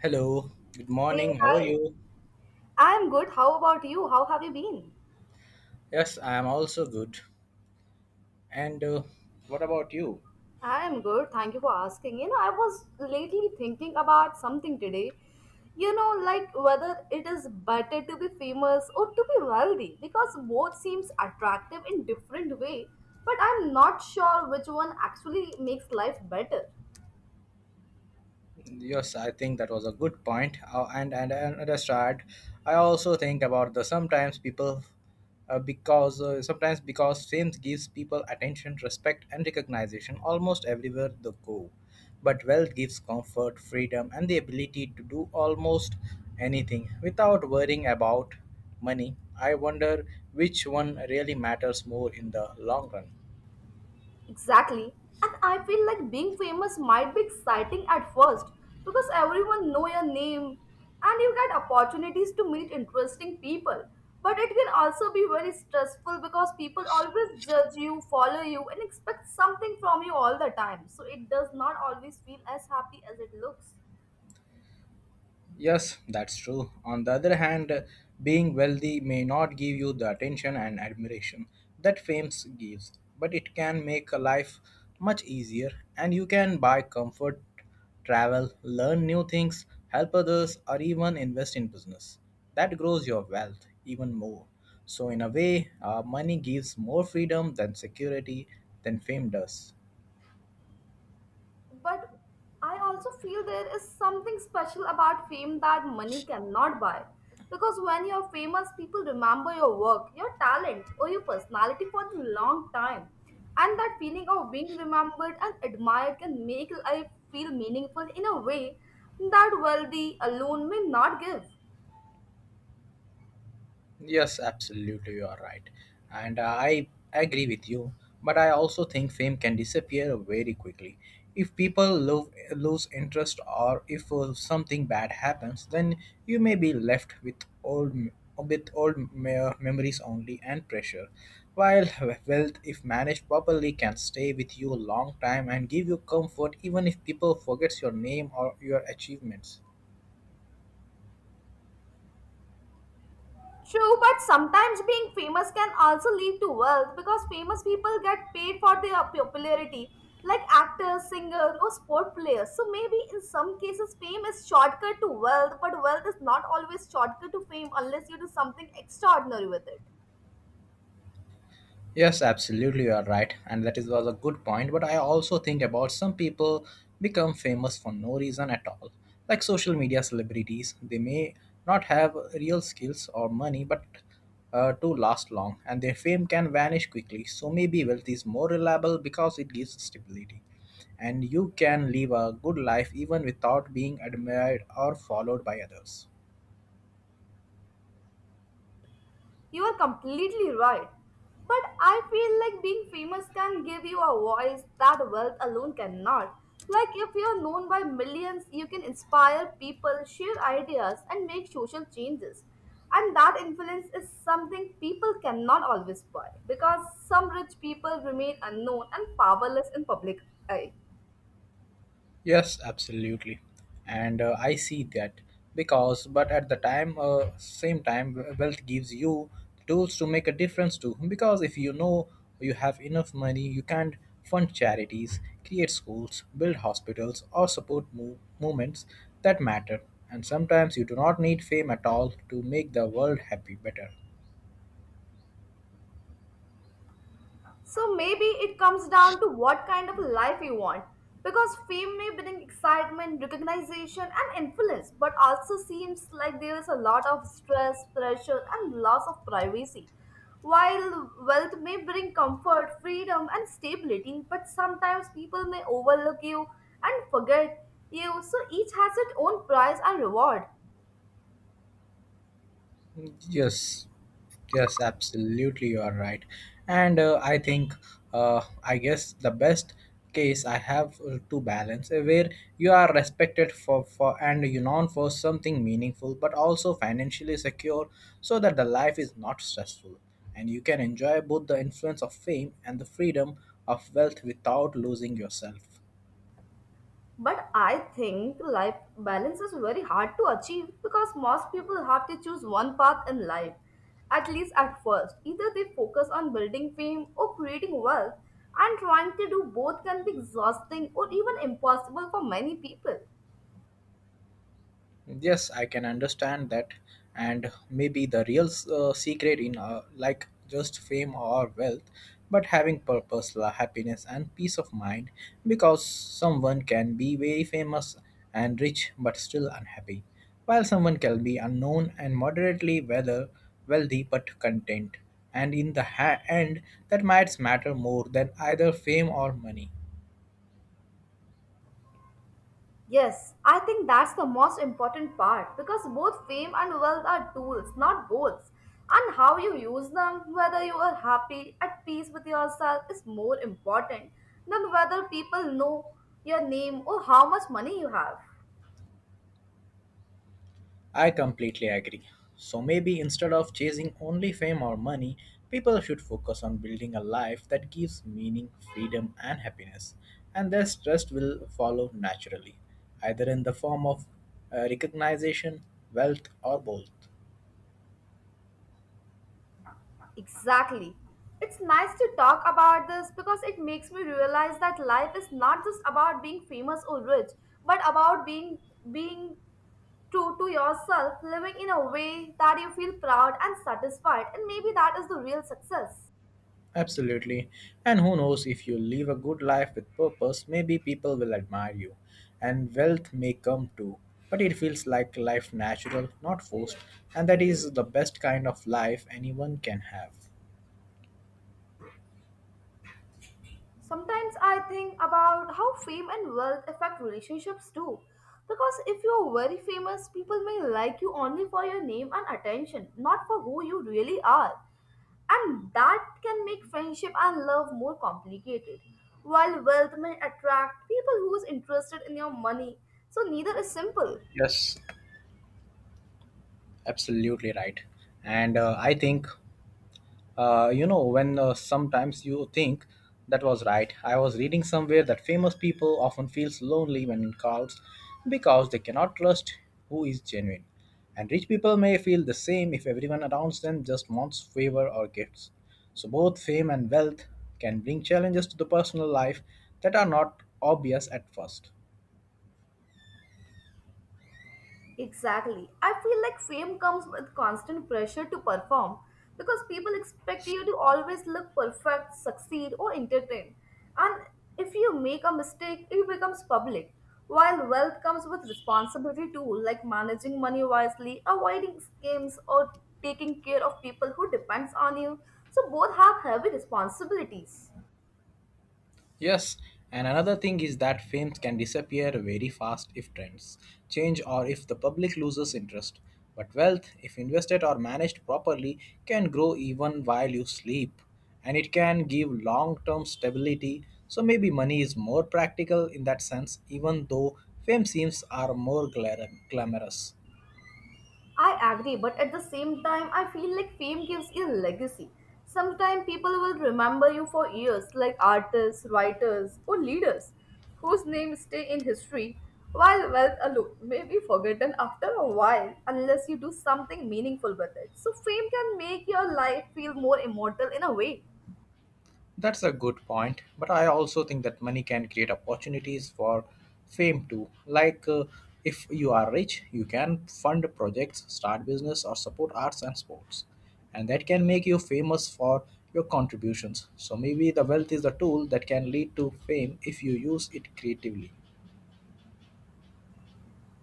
Hello, good Hey, morning. How are hi. you? I'm good. How about you? How have you been? Yes, I am also good. And what about you? I'm good. Thank you for asking. I was lately thinking about something today. Like whether it is better to be famous or to be wealthy because both seems attractive in different way, but I'm not sure which one actually makes life better. Yes, I think that was a good point. And that's right. I also think about the sometimes people, because sometimes because fame gives people attention, respect, and recognition almost everywhere they go, but wealth gives comfort, freedom, and the ability to do almost anything without worrying about money. I wonder which one really matters more in the long run. Exactly. And I feel like being famous might be exciting at first because everyone know your name and you get opportunities to meet interesting people. But it can also be very stressful because people always judge you, follow you and expect something from you all the time. So it does not always feel as happy as it looks. Yes, that's true. On the other hand, being wealthy may not give you the attention and admiration that fame gives, but it can make a life much easier and you can buy comfort, travel, learn new things, help others, or even invest in business. That grows your wealth even more. So, in a way, money gives more freedom than security than fame does. But I also feel there is something special about fame that money cannot buy. Because when you're famous, people remember your work, your talent, or your personality for the long time. And that feeling of being remembered and admired can make life feel meaningful in a way that wealthy alone may not give. Yes, absolutely, you are right, and I agree with you. But I also think fame can disappear very quickly. If people lose interest or if something bad happens, then you may be left with with memories only and pressure. While wealth, if managed properly, can stay with you a long time and give you comfort even if people forgets your name or your achievements. True, but sometimes being famous can also lead to wealth because famous people get paid for their popularity, like actors, singers, or sport players. So maybe in some cases, fame is shortcut to wealth, but wealth is not always shortcut to fame unless you do something extraordinary with it. Yes, absolutely, you are right, and that is was a good point. But I also think about some people become famous for no reason at all, like social media celebrities. They may not have real skills or money, but to last long, and their fame can vanish quickly. So maybe wealth is more reliable because it gives stability, and you can live a good life even without being admired or followed by others. You are completely right. But I feel like being famous can give you a voice that wealth alone cannot. Like, if you are known by millions, you can inspire people, share ideas, and make social changes. And that influence is something people cannot always buy because some rich people remain unknown and powerless in public eye. Yes, absolutely, and I see that because, but same time, wealth gives you tools to make a difference too. Because if you know you have enough money, you can fund charities, create schools, build hospitals, or support movements that matter. And sometimes you do not need fame at all to make the world happy better. So maybe it comes down to what kind of life you want. Because fame may bring excitement, recognition, and influence, but also seems like there is a lot of stress, pressure, and loss of privacy. While wealth may bring comfort, freedom, and stability, but sometimes people may overlook you and forget you, so each has its own price and reward. Yes, yes, absolutely, you are right. And I think, I guess the best case I have to balance where you are respected for and you known for something meaningful, but also financially secure, so that the life is not stressful, and you can enjoy both the influence of fame and the freedom of wealth without losing yourself. But I think life balance is very hard to achieve because most people have to choose one path in life, at least at first. Either they focus on building fame or creating wealth, and trying to do both can be exhausting or even impossible for many people. Yes, I can understand that, and maybe the real secret in like just fame or wealth, but having purpose, la- happiness, and peace of mind. Because someone can be very famous and rich but still unhappy, while someone can be unknown and moderately whether wealthy but content. And in the ha- end, that might matter more than either fame or money. Yes, I think that's the most important part because both fame and wealth are tools, not goals. And how you use them, whether you are happy, at peace with yourself, is more important than whether people know your name or how much money you have. I completely agree. So maybe instead of chasing only fame or money, people should focus on building a life that gives meaning, freedom, and happiness. And their trust will follow naturally, either in the form of recognition, wealth, or both. Exactly. It's nice to talk about this because it makes me realize that life is not just about being famous or rich, but about being true to yourself, living in a way that you feel proud and satisfied, and maybe that is the real success. Absolutely. And who knows if you live a good life with purpose, maybe people will admire you. And wealth may come too. But it feels like life natural, not forced. And that is the best kind of life anyone can have. Sometimes I think about how fame and wealth affect relationships too. Because if you are very famous, people may like you only for your name and attention, not for who you really are. And that can make friendship and love more complicated. While wealth may attract people who is interested in your money, so neither is simple. Yes, absolutely right. And I think you know, when sometimes you think that was right. I was reading somewhere that famous people often feels lonely when in crowds because they cannot trust who is genuine. And rich people may feel the same if everyone around them just wants favor or gifts. So both fame and wealth can bring challenges to the personal life that are not obvious at first. Exactly. I feel like fame comes with constant pressure to perform because people expect you to always look perfect, succeed, or entertain. And if you make a mistake, it becomes public. While wealth comes with responsibility too, like managing money wisely, avoiding scams, or taking care of people who depends on you. So both have heavy responsibilities. Yes, and another thing is that fame can disappear very fast if trends change or if the public loses interest. But wealth, if invested or managed properly, can grow even while you sleep. And it can give long term stability. So maybe money is more practical in that sense, even though fame seems are more glamorous. I agree, but at the same time, I feel like fame gives you a legacy. Sometimes people will remember you for years, like artists, writers, or leaders whose names stay in history, while wealth alone may be forgotten after a while unless you do something meaningful with it. So, fame can make your life feel more immortal in a way. That's a good point, but I also think that money can create opportunities for fame too. Like if you are rich, you can fund projects, start business or support arts and sports. And that can make you famous for your contributions. So maybe the wealth is the tool that can lead to fame if you use it creatively.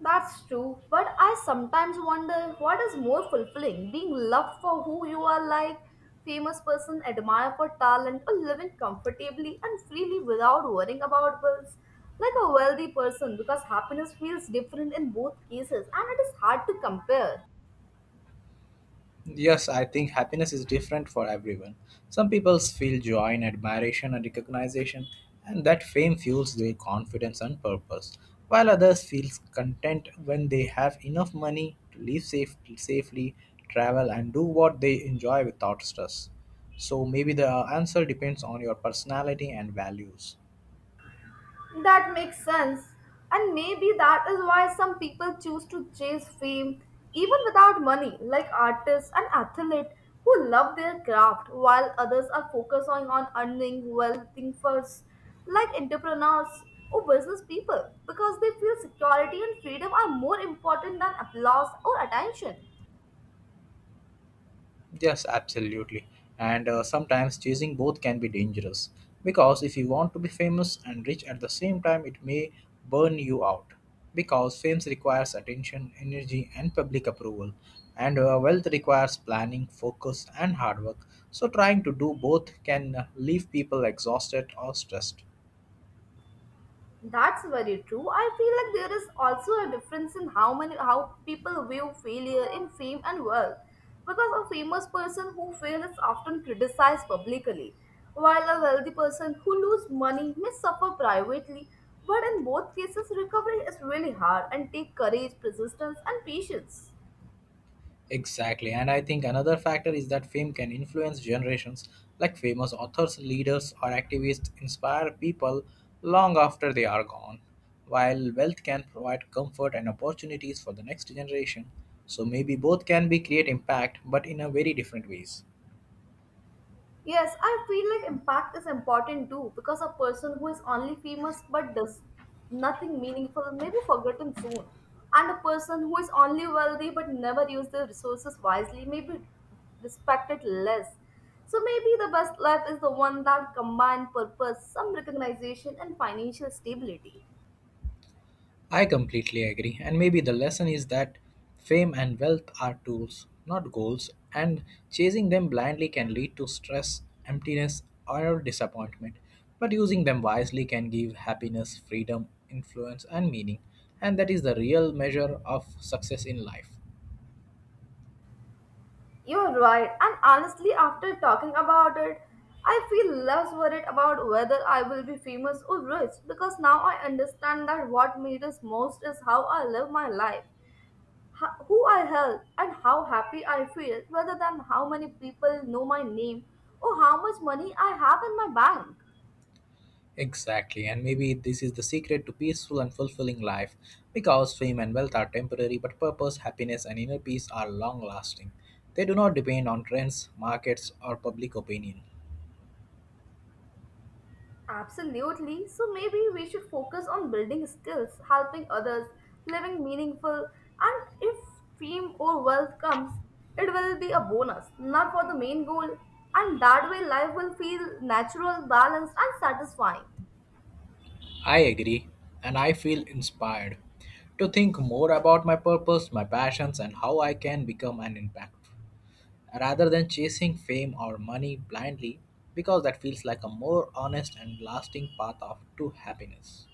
That's true, but I sometimes wonder what is more fulfilling being loved for who you are like, famous person, admired for talent, or living comfortably and freely without worrying about bills, like a wealthy person, because happiness feels different in both cases and it is hard to compare. Yes, I think happiness is different for everyone. Some people feel joy in admiration and recognition, and that fame fuels their confidence and purpose, while others feel content when they have enough money to live safely, travel, and do what they enjoy without stress. So maybe the answer depends on your personality and values. That makes sense. And maybe that is why some people choose to chase fame even without money, like artists and athletes who love their craft while others are focusing on earning wealthy first, like entrepreneurs or business people, because they feel security and freedom are more important than applause or attention. Yes, absolutely. And sometimes chasing both can be dangerous because if you want to be famous and rich at the same time, it may burn you out because fame requires attention, energy, and public approval, and wealth requires planning, focus, and hard work. So, trying to do both can leave people exhausted or stressed. That's very true. I feel like there is also a difference in how many how people view failure in fame and wealth. Because a famous person who fails is often criticized publicly, while a wealthy person who loses money may suffer privately. But in both cases, recovery is really hard and take courage, persistence, and patience. Exactly, and I think another factor is that fame can influence generations, like famous authors, leaders, or activists inspire people long after they are gone, while wealth can provide comfort and opportunities for the next generation. So maybe both can be create impact, but in a very different ways. Yes, I feel like impact is important too because a person who is only famous but does nothing meaningful may be forgotten soon. And a person who is only wealthy but never uses their resources wisely may be respected less. So maybe the best life is the one that combines purpose, some recognition, and financial stability. I completely agree. And maybe the lesson is that fame and wealth are tools, not goals, and chasing them blindly can lead to stress, emptiness, or disappointment. But using them wisely can give happiness, freedom, influence, and meaning. And that is the real measure of success in life. You're right, and honestly, after talking about it, I feel less worried about whether I will be famous or rich because now I understand that what matters most is how I live my life, who I help, and how happy I feel rather than how many people know my name or how much money I have in my bank. Exactly, and maybe this is the secret to peaceful and fulfilling life because fame and wealth are temporary, but purpose, happiness, and inner peace are long lasting. They do not depend on trends, markets, or public opinion. Absolutely. So maybe we should focus on building skills, helping others, living meaningful, and if fame or wealth comes, it will be a bonus, not for the main goal. And that way, life will feel natural, balanced, and satisfying. I agree, and I feel inspired to think more about my purpose, my passions, and how I can become an impact rather than chasing fame or money blindly because that feels like a more honest and lasting path of, to happiness.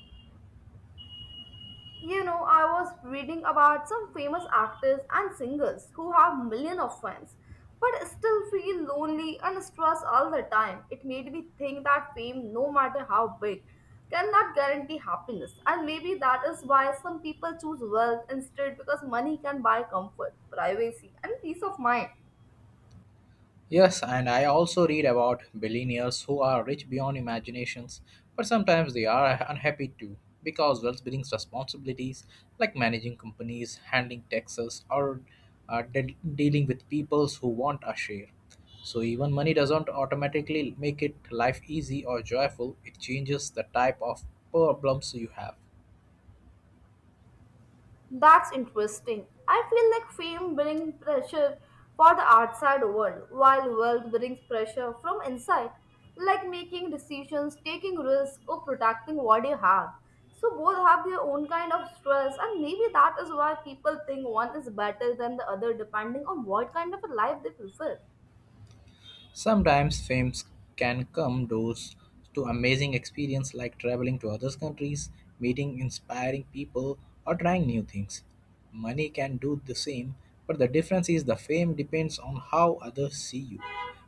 You know, I was reading about some famous actors and singers who have millions of fans, but still feel lonely and stressed all the time. It made me think that fame, no matter how big, cannot guarantee happiness. And maybe that is why some people choose wealth instead because money can buy comfort, privacy, and peace of mind. Yes, and I also read about billionaires who are rich beyond imaginations, but sometimes they are unhappy too because wealth brings responsibilities like managing companies, handling taxes, or dealing with peoples who want a share. So even money doesn't automatically make it life easy or joyful. It changes the type of problems you have. That's interesting. I feel like fame brings pressure for the outside world, while wealth brings pressure from inside, like making decisions, taking risks, or protecting what you have. So both have their own kind of stress, and maybe that is why people think one is better than the other, depending on what kind of a life they prefer. Sometimes fame can come doors to amazing experience like traveling to other countries, meeting inspiring people, or trying new things. Money can do the same, but the difference is the fame depends on how others see you,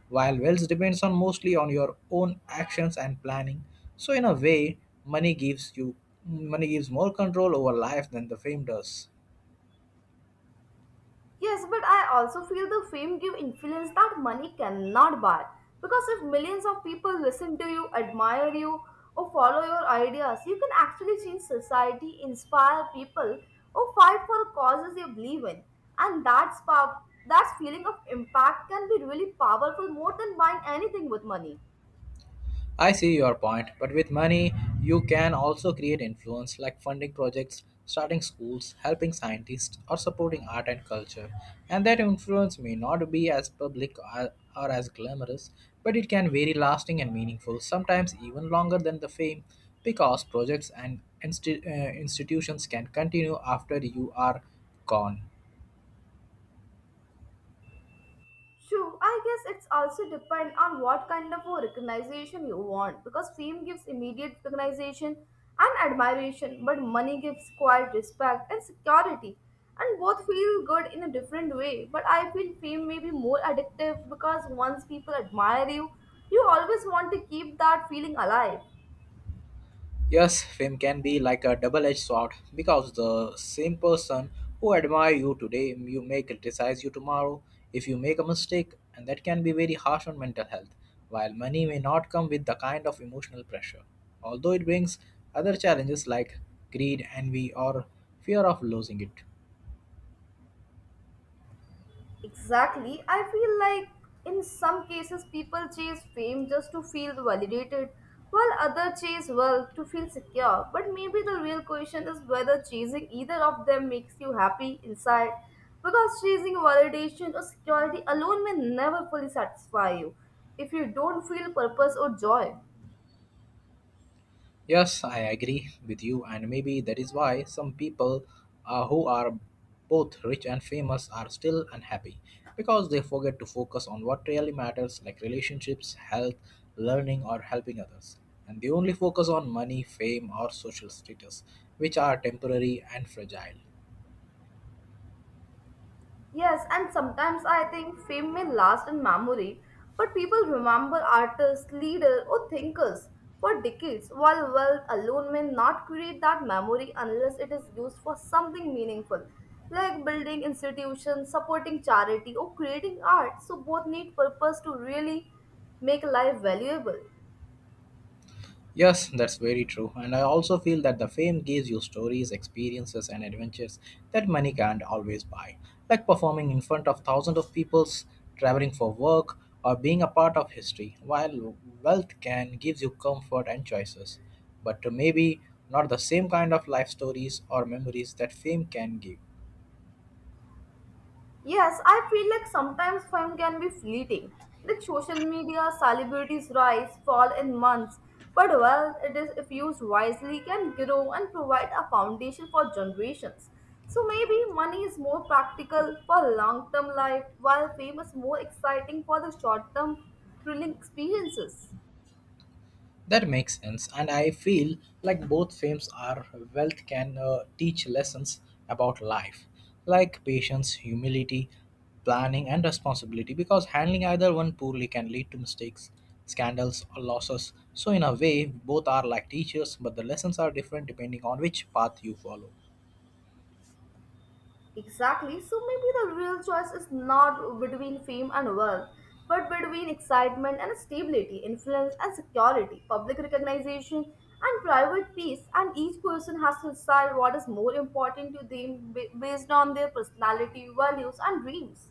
while wealth depends on mostly on your own actions and planning. So in a way, money gives more control over life than the fame does. Yes, but I also feel the fame give influence that money cannot buy. Because if millions of people listen to you, admire you, or follow your ideas, you can actually change society, inspire people, or fight for causes you believe in. And that feeling of impact can be really powerful more than buying anything with money. I see your point, but with money, you can also create influence like funding projects, starting schools, helping scientists, or supporting art and culture. And that influence may not be as public or as glamorous, but it can very lasting and meaningful, sometimes even longer than the fame, because projects and institutions can continue after you are gone. True, I guess it's also depend on what kind of a recognition you want because fame gives immediate recognition and admiration, but money gives quiet respect and security, and both feel good in a different way. But I feel fame may be more addictive because once people admire you, you always want to keep that feeling alive. Yes, fame can be like a double edged sword because the same person who admire you today you may criticize you tomorrow if you make a mistake and that can be very harsh on mental health while money may not come with the kind of emotional pressure although it brings other challenges like greed envy or fear of losing it. Exactly. I feel like in some cases people chase fame just to feel validated, while others chase wealth to feel secure. But maybe the real question is whether chasing either of them makes you happy inside, because chasing validation or security alone may never fully satisfy you if you don't feel purpose or joy. Yes, I agree with you, and maybe that is why some people who are both rich and famous are still unhappy because they forget to focus on what really matters, like relationships, health, learning, or helping others. And they only focus on money, fame, or social status, which are temporary and fragile. Yes, and sometimes I think fame may last in memory, but people remember artists, leaders, or thinkers for decades, while wealth alone may not create that memory unless it is used for something meaningful, like building institutions, supporting charity, or creating art. So, both need purpose to really make life valuable. Yes, that's very true. And I also feel that the fame gives you stories, experiences, and adventures that money can't always buy. Like performing in front of thousands of people, traveling for work, or being a part of history. While wealth can gives you comfort and choices, but maybe not the same kind of life stories or memories that fame can give. Yes, I feel like sometimes fame can be fleeting. Like social media, celebrities rise, fall in months, but well, it is if used wisely can grow and provide a foundation for generations. So maybe money is more practical for long-term life, while fame is more exciting for the short-term thrilling experiences. That makes sense, and I feel like both films are wealth can teach lessons about life, like patience, humility, planning, and responsibility. Because handling either one poorly can lead to mistakes, scandals, or losses. So, in a way, both are like teachers, but the lessons are different depending on which path you follow. Exactly. So maybe the real choice is not between fame and wealth, but between excitement and stability, influence and security, public recognition and private peace. And each person has to decide what is more important to them based on their personality, values, and dreams.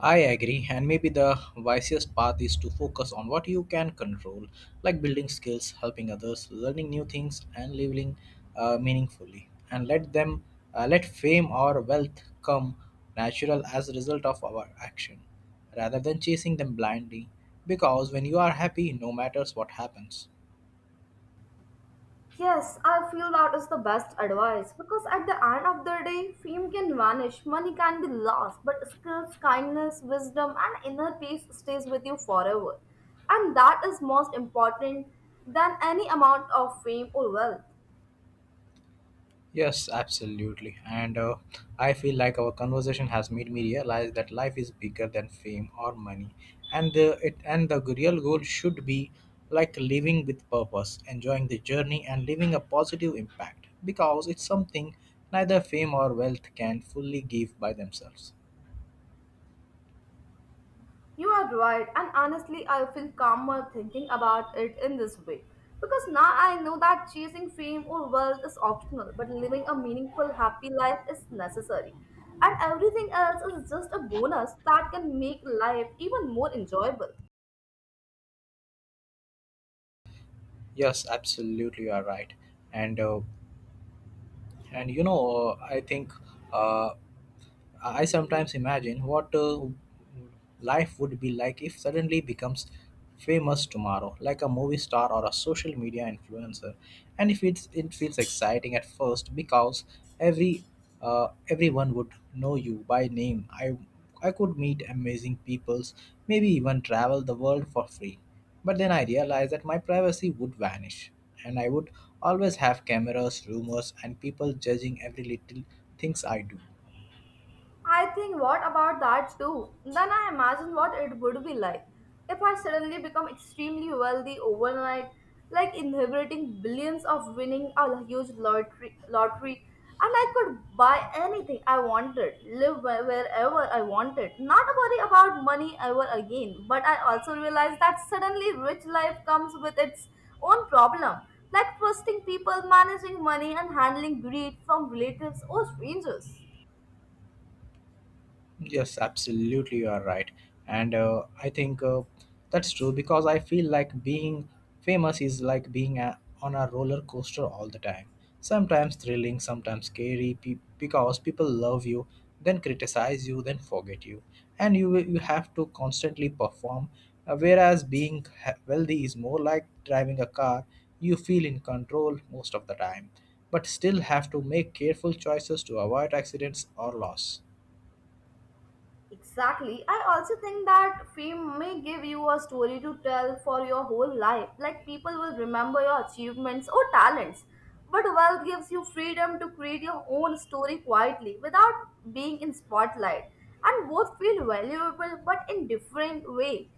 I agree, and maybe the wisest path is to focus on what you can control, like building skills, helping others, learning new things, and living meaningfully. And let fame or wealth come natural as a result of our action, rather than chasing them blindly. Because when you are happy, no matters what happens. Yes, I feel that is the best advice because at the end of the day, fame can vanish, money can be lost, but skills, kindness, wisdom, and inner peace stays with you forever. And that is most important than any amount of fame or wealth. Yes, absolutely. And I feel like our conversation has made me realize that life is bigger than fame or money, and the it and the real goal should be like living with purpose, enjoying the journey, and leaving a positive impact. Because it's something neither fame or wealth can fully give by themselves. You are right, and honestly, I feel calmer thinking about it in this way. Because now I know that chasing fame or wealth is optional, but living a meaningful, happy life is necessary. And everything else is just a bonus that can make life even more enjoyable. Yes, absolutely, you are right. And uh, and you know, I think. Uh, I sometimes imagine what life would be like if suddenly becomes famous tomorrow, like a movie star or a social media influencer. And if it's, it feels exciting at first because every everyone would know you by name. I could meet amazing peoples, maybe even travel the world for free. But then I realized that my privacy would vanish, and I would always have cameras, rumors, and people judging every little things I do. I think what about that too? Then I imagine what it would be like if I suddenly become extremely wealthy overnight, like inheriting billions of winning a huge lottery, and I could buy anything I wanted, live wherever I wanted, not worry about money ever again. But I also realized that suddenly rich life comes with its own problem, like trusting people, managing money, and handling greed from relatives or strangers. Yes, absolutely, you are right. And I think That's true because I feel like being famous is like on a roller coaster all the time. Sometimes thrilling, sometimes scary, because people love you, then criticize you, then forget you. And you have to constantly perform. Whereas being wealthy is more like driving a car, you feel in control most of the time, but still have to make careful choices to avoid accidents or loss. Exactly. I also think that fame may give you a story to tell for your whole life. Like people will remember your achievements or talents. But wealth gives you freedom to create your own story quietly without being in spotlight. And both feel valuable but in different way.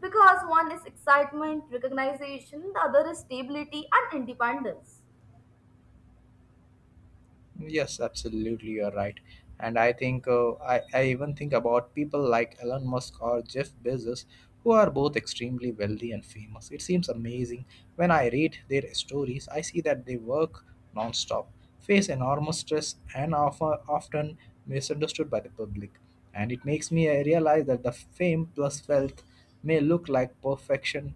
Because one is excitement, recognition, the other is stability and independence. Yes, absolutely, you're right. And I even think about people like Elon Musk or Jeff Bezos, who are both extremely wealthy and famous. It seems amazing. When I read their stories, I see that they work nonstop, face enormous stress, and are often misunderstood by the public. And it makes me realize that the fame plus wealth may look like perfection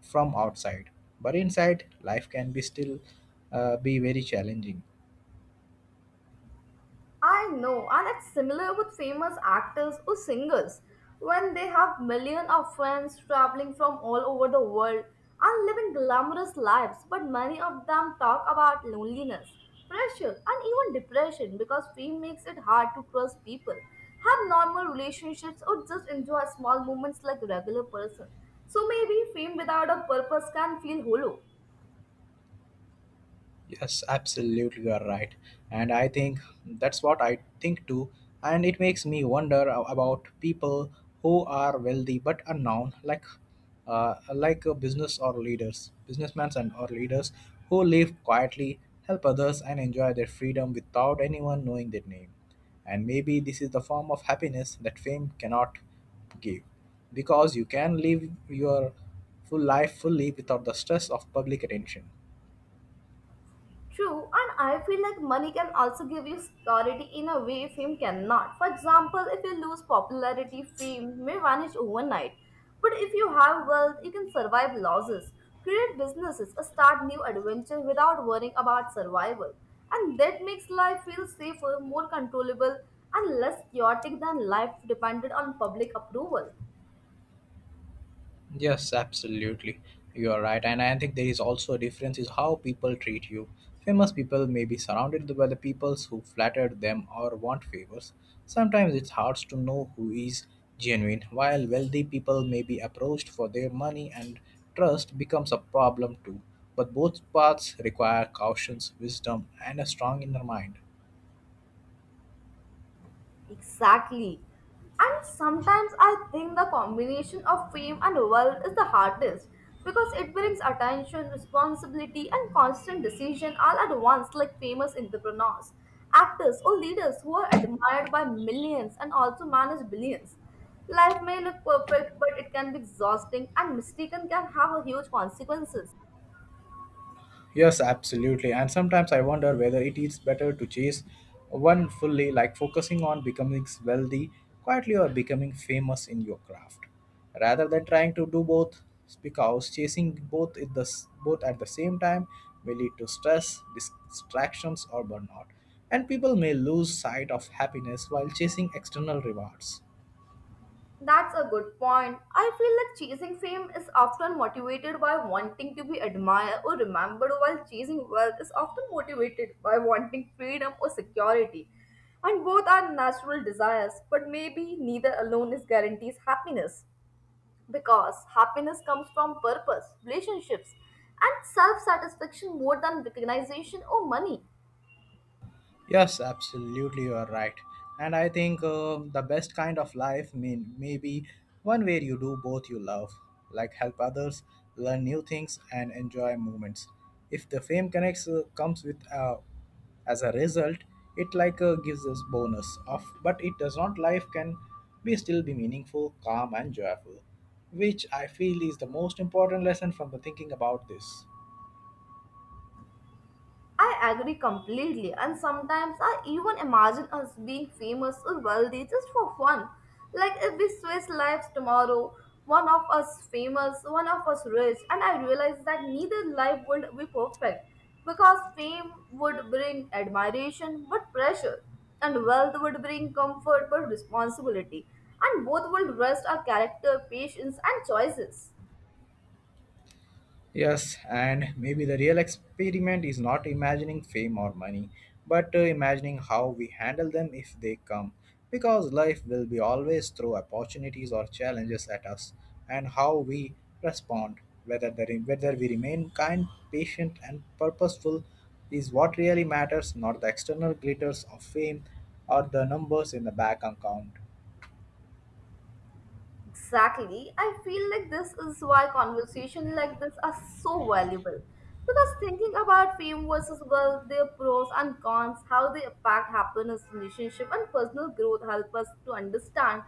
from outside, but inside, life can be still be very challenging. I know, and it's similar with famous actors or singers when they have millions of fans traveling from all over the world and living glamorous lives, but many of them talk about loneliness, pressure, and even depression because fame makes it hard to trust people, have normal relationships, or just enjoy small moments like regular person. So maybe fame without a purpose can feel hollow. Yes, absolutely, you are right. And I think that's what I think too. And it makes me wonder about people who are wealthy but unknown, like businessmen and or leaders who live quietly, help others, and enjoy their freedom without anyone knowing their name. And maybe this is the form of happiness that fame cannot give, because you can live your full life fully without the stress of public attention. True, and I feel like money can also give you security in a way fame cannot. For example, if you lose popularity, fame may vanish overnight. But if you have wealth, you can survive losses, create businesses, or start new adventures without worrying about survival. And that makes life feel safer, more controllable, and less chaotic than life depended on public approval. Yes, absolutely. You are right. And I think there is also a difference is how people treat you. Famous people may be surrounded by the people who flatter them or want favors. Sometimes it's hard to know who is genuine, while wealthy people may be approached for their money and trust becomes a problem too. But both paths require cautions, wisdom, and a strong inner mind. Exactly. And sometimes I think the combination of fame and wealth is the hardest because it brings attention, responsibility, and constant decision all at once, like famous entrepreneurs, actors, or leaders who are admired by millions and also manage billions. Life may look perfect, but it can be exhausting, and mistaken can have huge consequences. Yes, absolutely. And sometimes I wonder whether it is better to chase one fully, like focusing on becoming wealthy quietly or becoming famous in your craft, rather than trying to do both. Because chasing both at the same time may lead to stress, distractions, or burnout, and people may lose sight of happiness while chasing external rewards. That's a good point. I feel like chasing fame is often motivated by wanting to be admired or remembered, while chasing wealth is often motivated by wanting freedom or security. And both are natural desires, but maybe neither alone is guarantees happiness. Because happiness comes from purpose, relationships, and self satisfaction more than recognition or money. Yes, absolutely, you are right. And I think The best kind of life mean maybe one where you do both you love, like help others, learn new things, and enjoy moments. If the fame connects comes with as a result, it gives us bonus of, but it does not. Life can be still be meaningful, calm, and joyful, which I feel is the most important lesson from the thinking about this. I agree completely, and sometimes I even imagine us being famous or wealthy just for fun. Like if we switch lives tomorrow, one of us famous, one of us rich, and I realize that neither life would be perfect because fame would bring admiration but pressure, and wealth would bring comfort but responsibility, and both would rest our character, patience, and choices. Yes, and maybe the real experiment is not imagining fame or money, but imagining how we handle them if they come. Because life will be always throw opportunities or challenges at us, and how we respond, whether we remain kind, patient, and purposeful, is what really matters, not the external glitters of fame or the numbers in the bank account. Exactly. I feel like this is why conversations like this are so valuable. Because thinking about fame versus wealth, their pros and cons, how they impact happiness, relationship, and personal growth help us to understand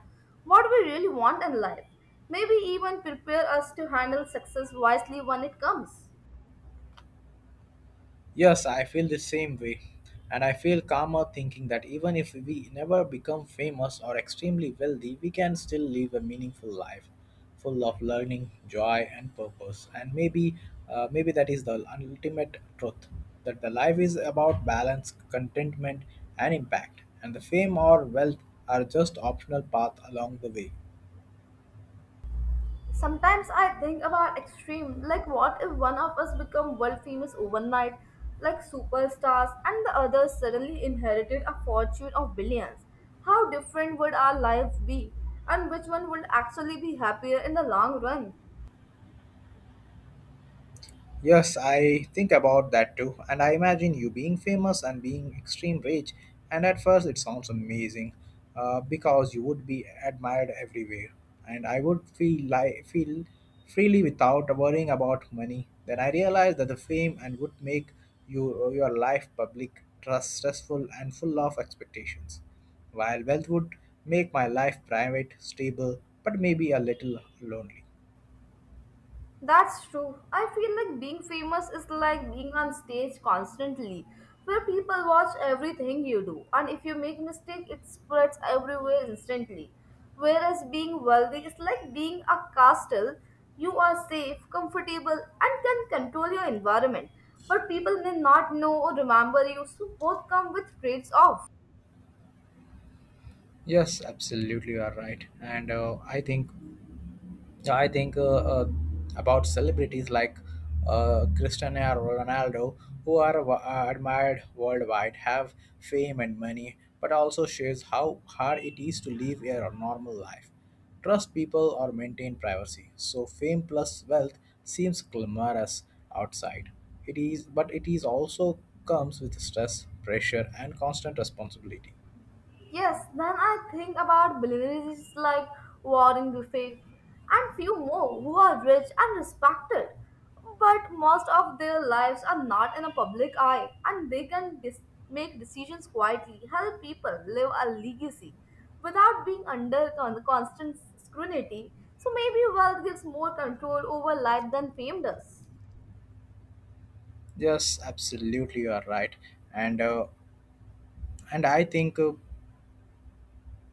what we really want in life. Maybe even prepare us to handle success wisely when it comes. Yes, I feel the same way. And I feel calmer thinking that even if we never become famous or extremely wealthy, we can still live a meaningful life full of learning, joy, and purpose. And maybe that is the ultimate truth that the life is about balance, contentment, and impact. And the fame or wealth are just optional path along the way. Sometimes I think about extreme, like what if one of us become world famous overnight, like superstars, and the other suddenly inherited a fortune of billions? How different would our lives be, and which one would actually be happier in the long run? Yes, I think about that too. And I imagine you being famous and being extreme rich. And at first, it sounds amazing because you would be admired everywhere. And I would feel freely without worrying about money. Then I realized that the fame and would make you your life public, trust, stressful, and full of expectations. While wealth would make my life private, stable, but maybe a little lonely. That's true. I feel like being famous is like being on stage constantly, where people watch everything you do, and if you make mistake, it spreads everywhere instantly. Whereas being wealthy is like being a castle. You are safe, comfortable, and can control your environment, but people may not know or remember you, so both come with trades off. Yes, absolutely, you are right. And I think about celebrities like Cristiano Ronaldo, who are admired worldwide, have fame and money, but also shows how hard it is to live a normal life, trust people, or maintain privacy. So fame plus wealth seems glamorous outside. It is, but it is also comes with stress, pressure, and constant responsibility. Yes, then I think about billionaires like Warren Buffett and few more who are rich and respected, but most of their lives are not in the public eye and they can make decisions quietly, help people live a legacy without being under constant scrutiny. So maybe wealth gives more control over life than fame does. Yes, absolutely, you are right, and uh, and I think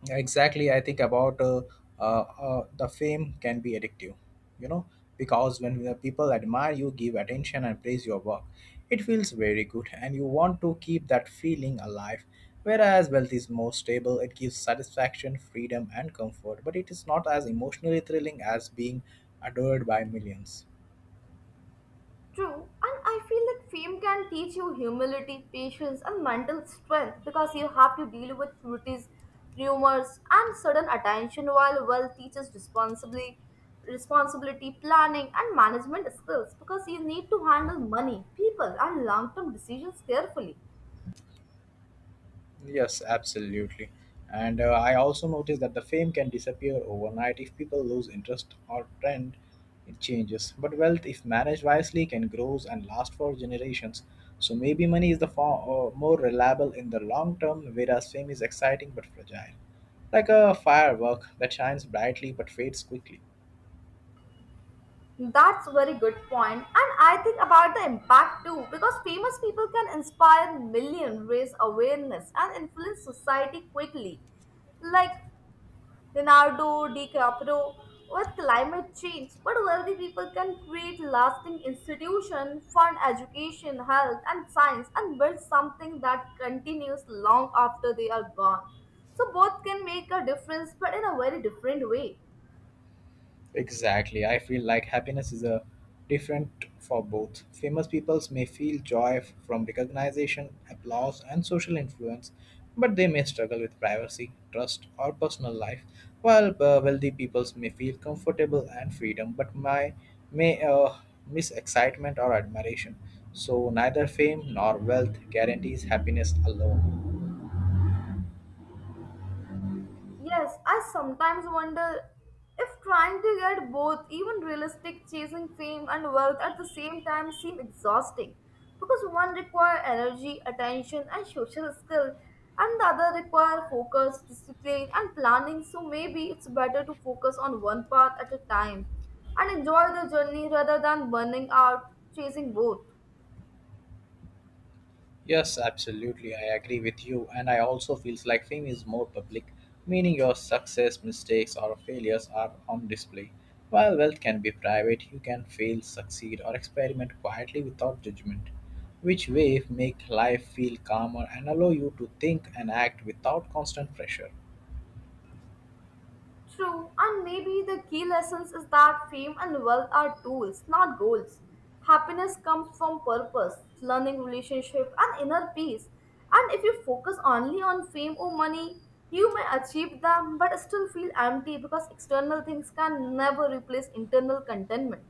exactly. I think about uh, the fame can be addictive, you know, because when the people admire you, give attention, and praise your work, it feels very good, and you want to keep that feeling alive. Whereas wealth is more stable, it gives satisfaction, freedom, and comfort, but it is not as emotionally thrilling as being adored by millions. True, and I feel that fame can teach you humility, patience, and mental strength because you have to deal with critics, rumors, and sudden attention while wealth teaches responsibility, planning, and management skills because you need to handle money, people, and long term decisions carefully. Yes, absolutely. And I also noticed that the fame can disappear overnight if people lose interest or trend it changes. But wealth, if managed wisely, can grow and last for generations. So maybe money is the far more reliable in the long term, whereas fame is exciting but fragile, like a firework that shines brightly but fades quickly. That's a very good point, and I think about the impact too because famous people can inspire millions, raise awareness, and influence society quickly like Leonardo DiCaprio with climate change, but wealthy people can create lasting institutions, fund education, health, and science, and build something that continues long after they are gone. So both can make a difference, but in a very different way. Exactly. I feel like happiness is a different for both. Famous peoples may feel joy from recognition, applause, and social influence, but they may struggle with privacy, trust, or personal life. While wealthy peoples may feel comfortable and freedom, but my may miss excitement or admiration. So neither fame nor wealth guarantees happiness alone. Yes, I sometimes wonder if trying to get both, even realistic chasing fame and wealth at the same time, seem exhausting because one require energy, attention, and social skill, and the other require focus, discipline, and planning. So maybe it's better to focus on one path at a time and enjoy the journey rather than burning out chasing both. Yes, absolutely. I agree with you. And I also feels like fame is more public, meaning your success, mistakes, or failures are on display. While wealth can be private, you can fail, succeed, or experiment quietly without judgment, which way make life feel calmer and allow you to think and act without constant pressure. True, and maybe the key lessons is that fame and wealth are tools, not goals. Happiness comes from purpose, learning relationship, and inner peace. And if you focus only on fame or money, you may achieve them but still feel empty because external things can never replace internal contentment.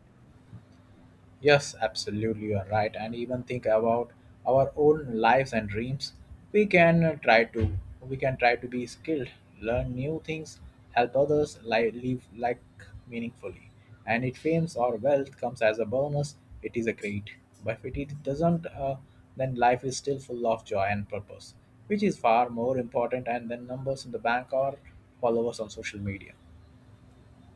Yes, absolutely, you are right. And even think about our own lives and dreams. We can try to we can try to be skilled, learn new things, help others live like meaningfully. And if fame or wealth comes as a bonus, it is a great. But if it doesn't, then life is still full of joy and purpose, which is far more important and than numbers in the bank or followers on social media.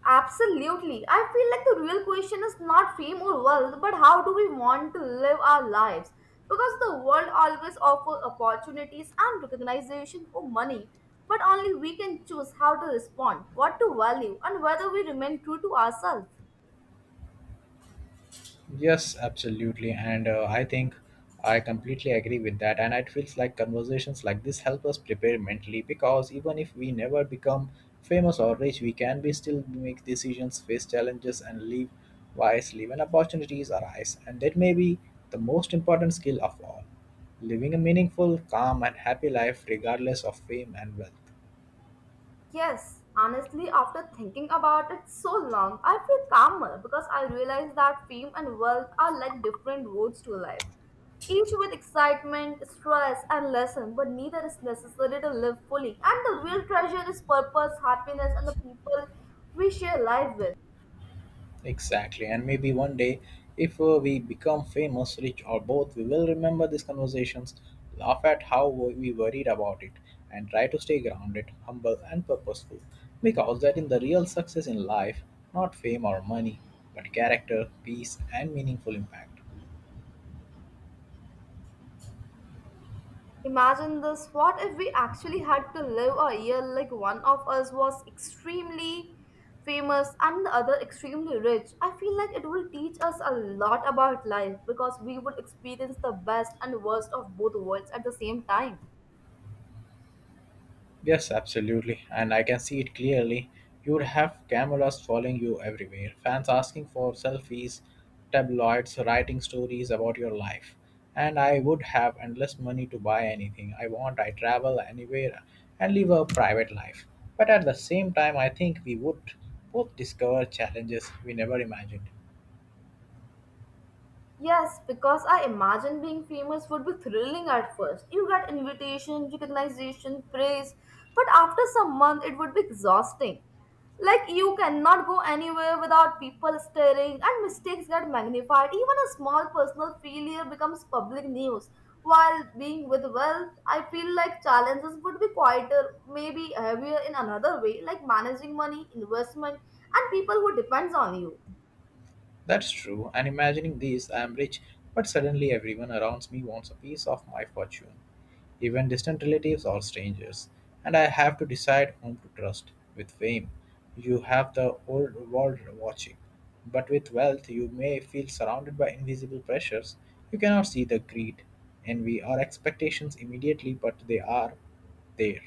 Absolutely. I feel like the real question is not fame or wealth, but how do we want to live our lives? Because the world always offers opportunities and recognition for money, but only we can choose how to respond, what to value, and whether we remain true to ourselves. Yes, absolutely. And I think I completely agree with that. And it feels like conversations like this help us prepare mentally because even if we never become famous or rich, we can be still make decisions, face challenges, and live wisely when opportunities arise. And that may be the most important skill of all living a meaningful, calm, and happy life regardless of fame and wealth. Yes, honestly, after thinking about it so long, I feel calmer because I realize that fame and wealth are like different roads to life, each with excitement, stress, and lesson, but neither is necessary to live fully. And the real treasure is purpose, happiness, and the people we share life with. Exactly. And maybe one day, if we become famous, rich, or both, we will remember these conversations, laugh at how we worried about it, and try to stay grounded, humble, and purposeful. Because that is the real success in life, not fame or money, but character, peace, and meaningful impact. Imagine this what if we actually had to live a year like one of us was extremely famous and the other extremely rich? I feel like it will teach us a lot about life because we would experience the best and worst of both worlds at the same time. Yes, absolutely. And I can see it clearly. You would have cameras following you everywhere, fans asking for selfies, tabloids writing stories about your life. And I would have endless money to buy anything I want. I travel anywhere and live a private life. But at the same time, I think we would both discover challenges we never imagined. Yes, because I imagine being famous would be thrilling at first. You get invitation, recognition, praise, but after some month it would be exhausting. Like you cannot go anywhere without people staring and mistakes get magnified. Even a small personal failure becomes public news. While being with wealth, I feel like challenges would be quieter, maybe heavier in another way, like managing money, investment, and people who depends on you. That's true, and imagining this, I am rich, but suddenly everyone around me wants a piece of my fortune, even distant relatives or strangers, and I have to decide whom to trust. With fame, you have the old world watching, but with wealth, you may feel surrounded by invisible pressures. You cannot see the greed, envy, or expectations immediately, but they are there.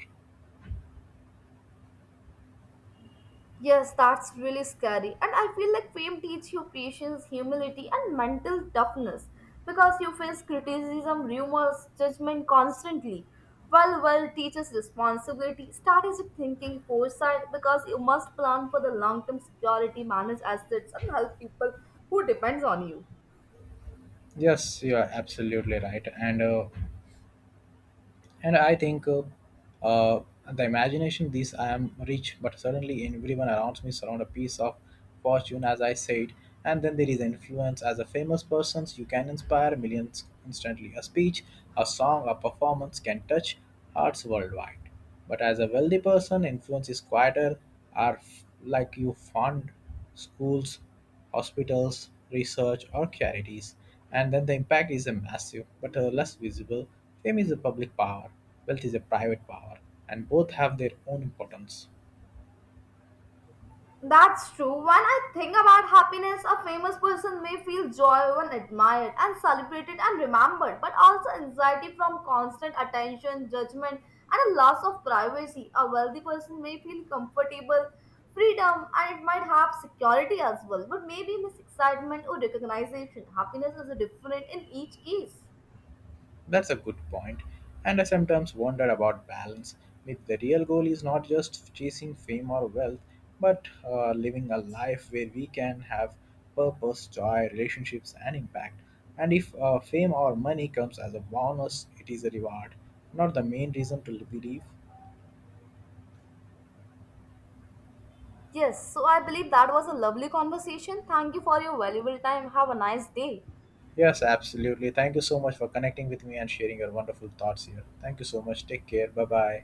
Yes, that's really scary. And I feel like fame teaches you patience, humility, and mental toughness because you face criticism, rumors, judgment constantly. While wealth teaches responsibility, strategic thinking, foresight because you must plan for the long term security, manage assets, and help people who depends on you. Yes, you are absolutely right. And I think uh, the imagination this I am rich, but suddenly everyone around me surround a piece of fortune, as I said. And then there is influence. As a famous person, you can inspire millions instantly. A speech, a song, a performance can touch hearts worldwide. But as a wealthy person, influence is quieter, are like you fund schools, hospitals, research, or charities. And then the impact is a massive, but less visible. Fame is a public power, wealth is a private power, and both have their own importance. That's true. When I think about happiness, a famous person may feel joy when admired and celebrated and remembered, but also anxiety from constant attention, judgment, and a loss of privacy. A wealthy person may feel comfortable, freedom, and it might have security as well, but maybe miss excitement or recognition. Happiness is different in each case. That's a good point, and I sometimes wonder about balance. If the real goal is not just chasing fame or wealth, but living a life where we can have purpose, joy, relationships, and impact. And if fame or money comes as a bonus, it is a reward, not the main reason to believe. Yes, so I believe that was a lovely conversation. Thank you for your valuable time. Have a nice day. Yes, absolutely. Thank you so much for connecting with me and sharing your wonderful thoughts here. Thank you so much. Take care. Bye bye.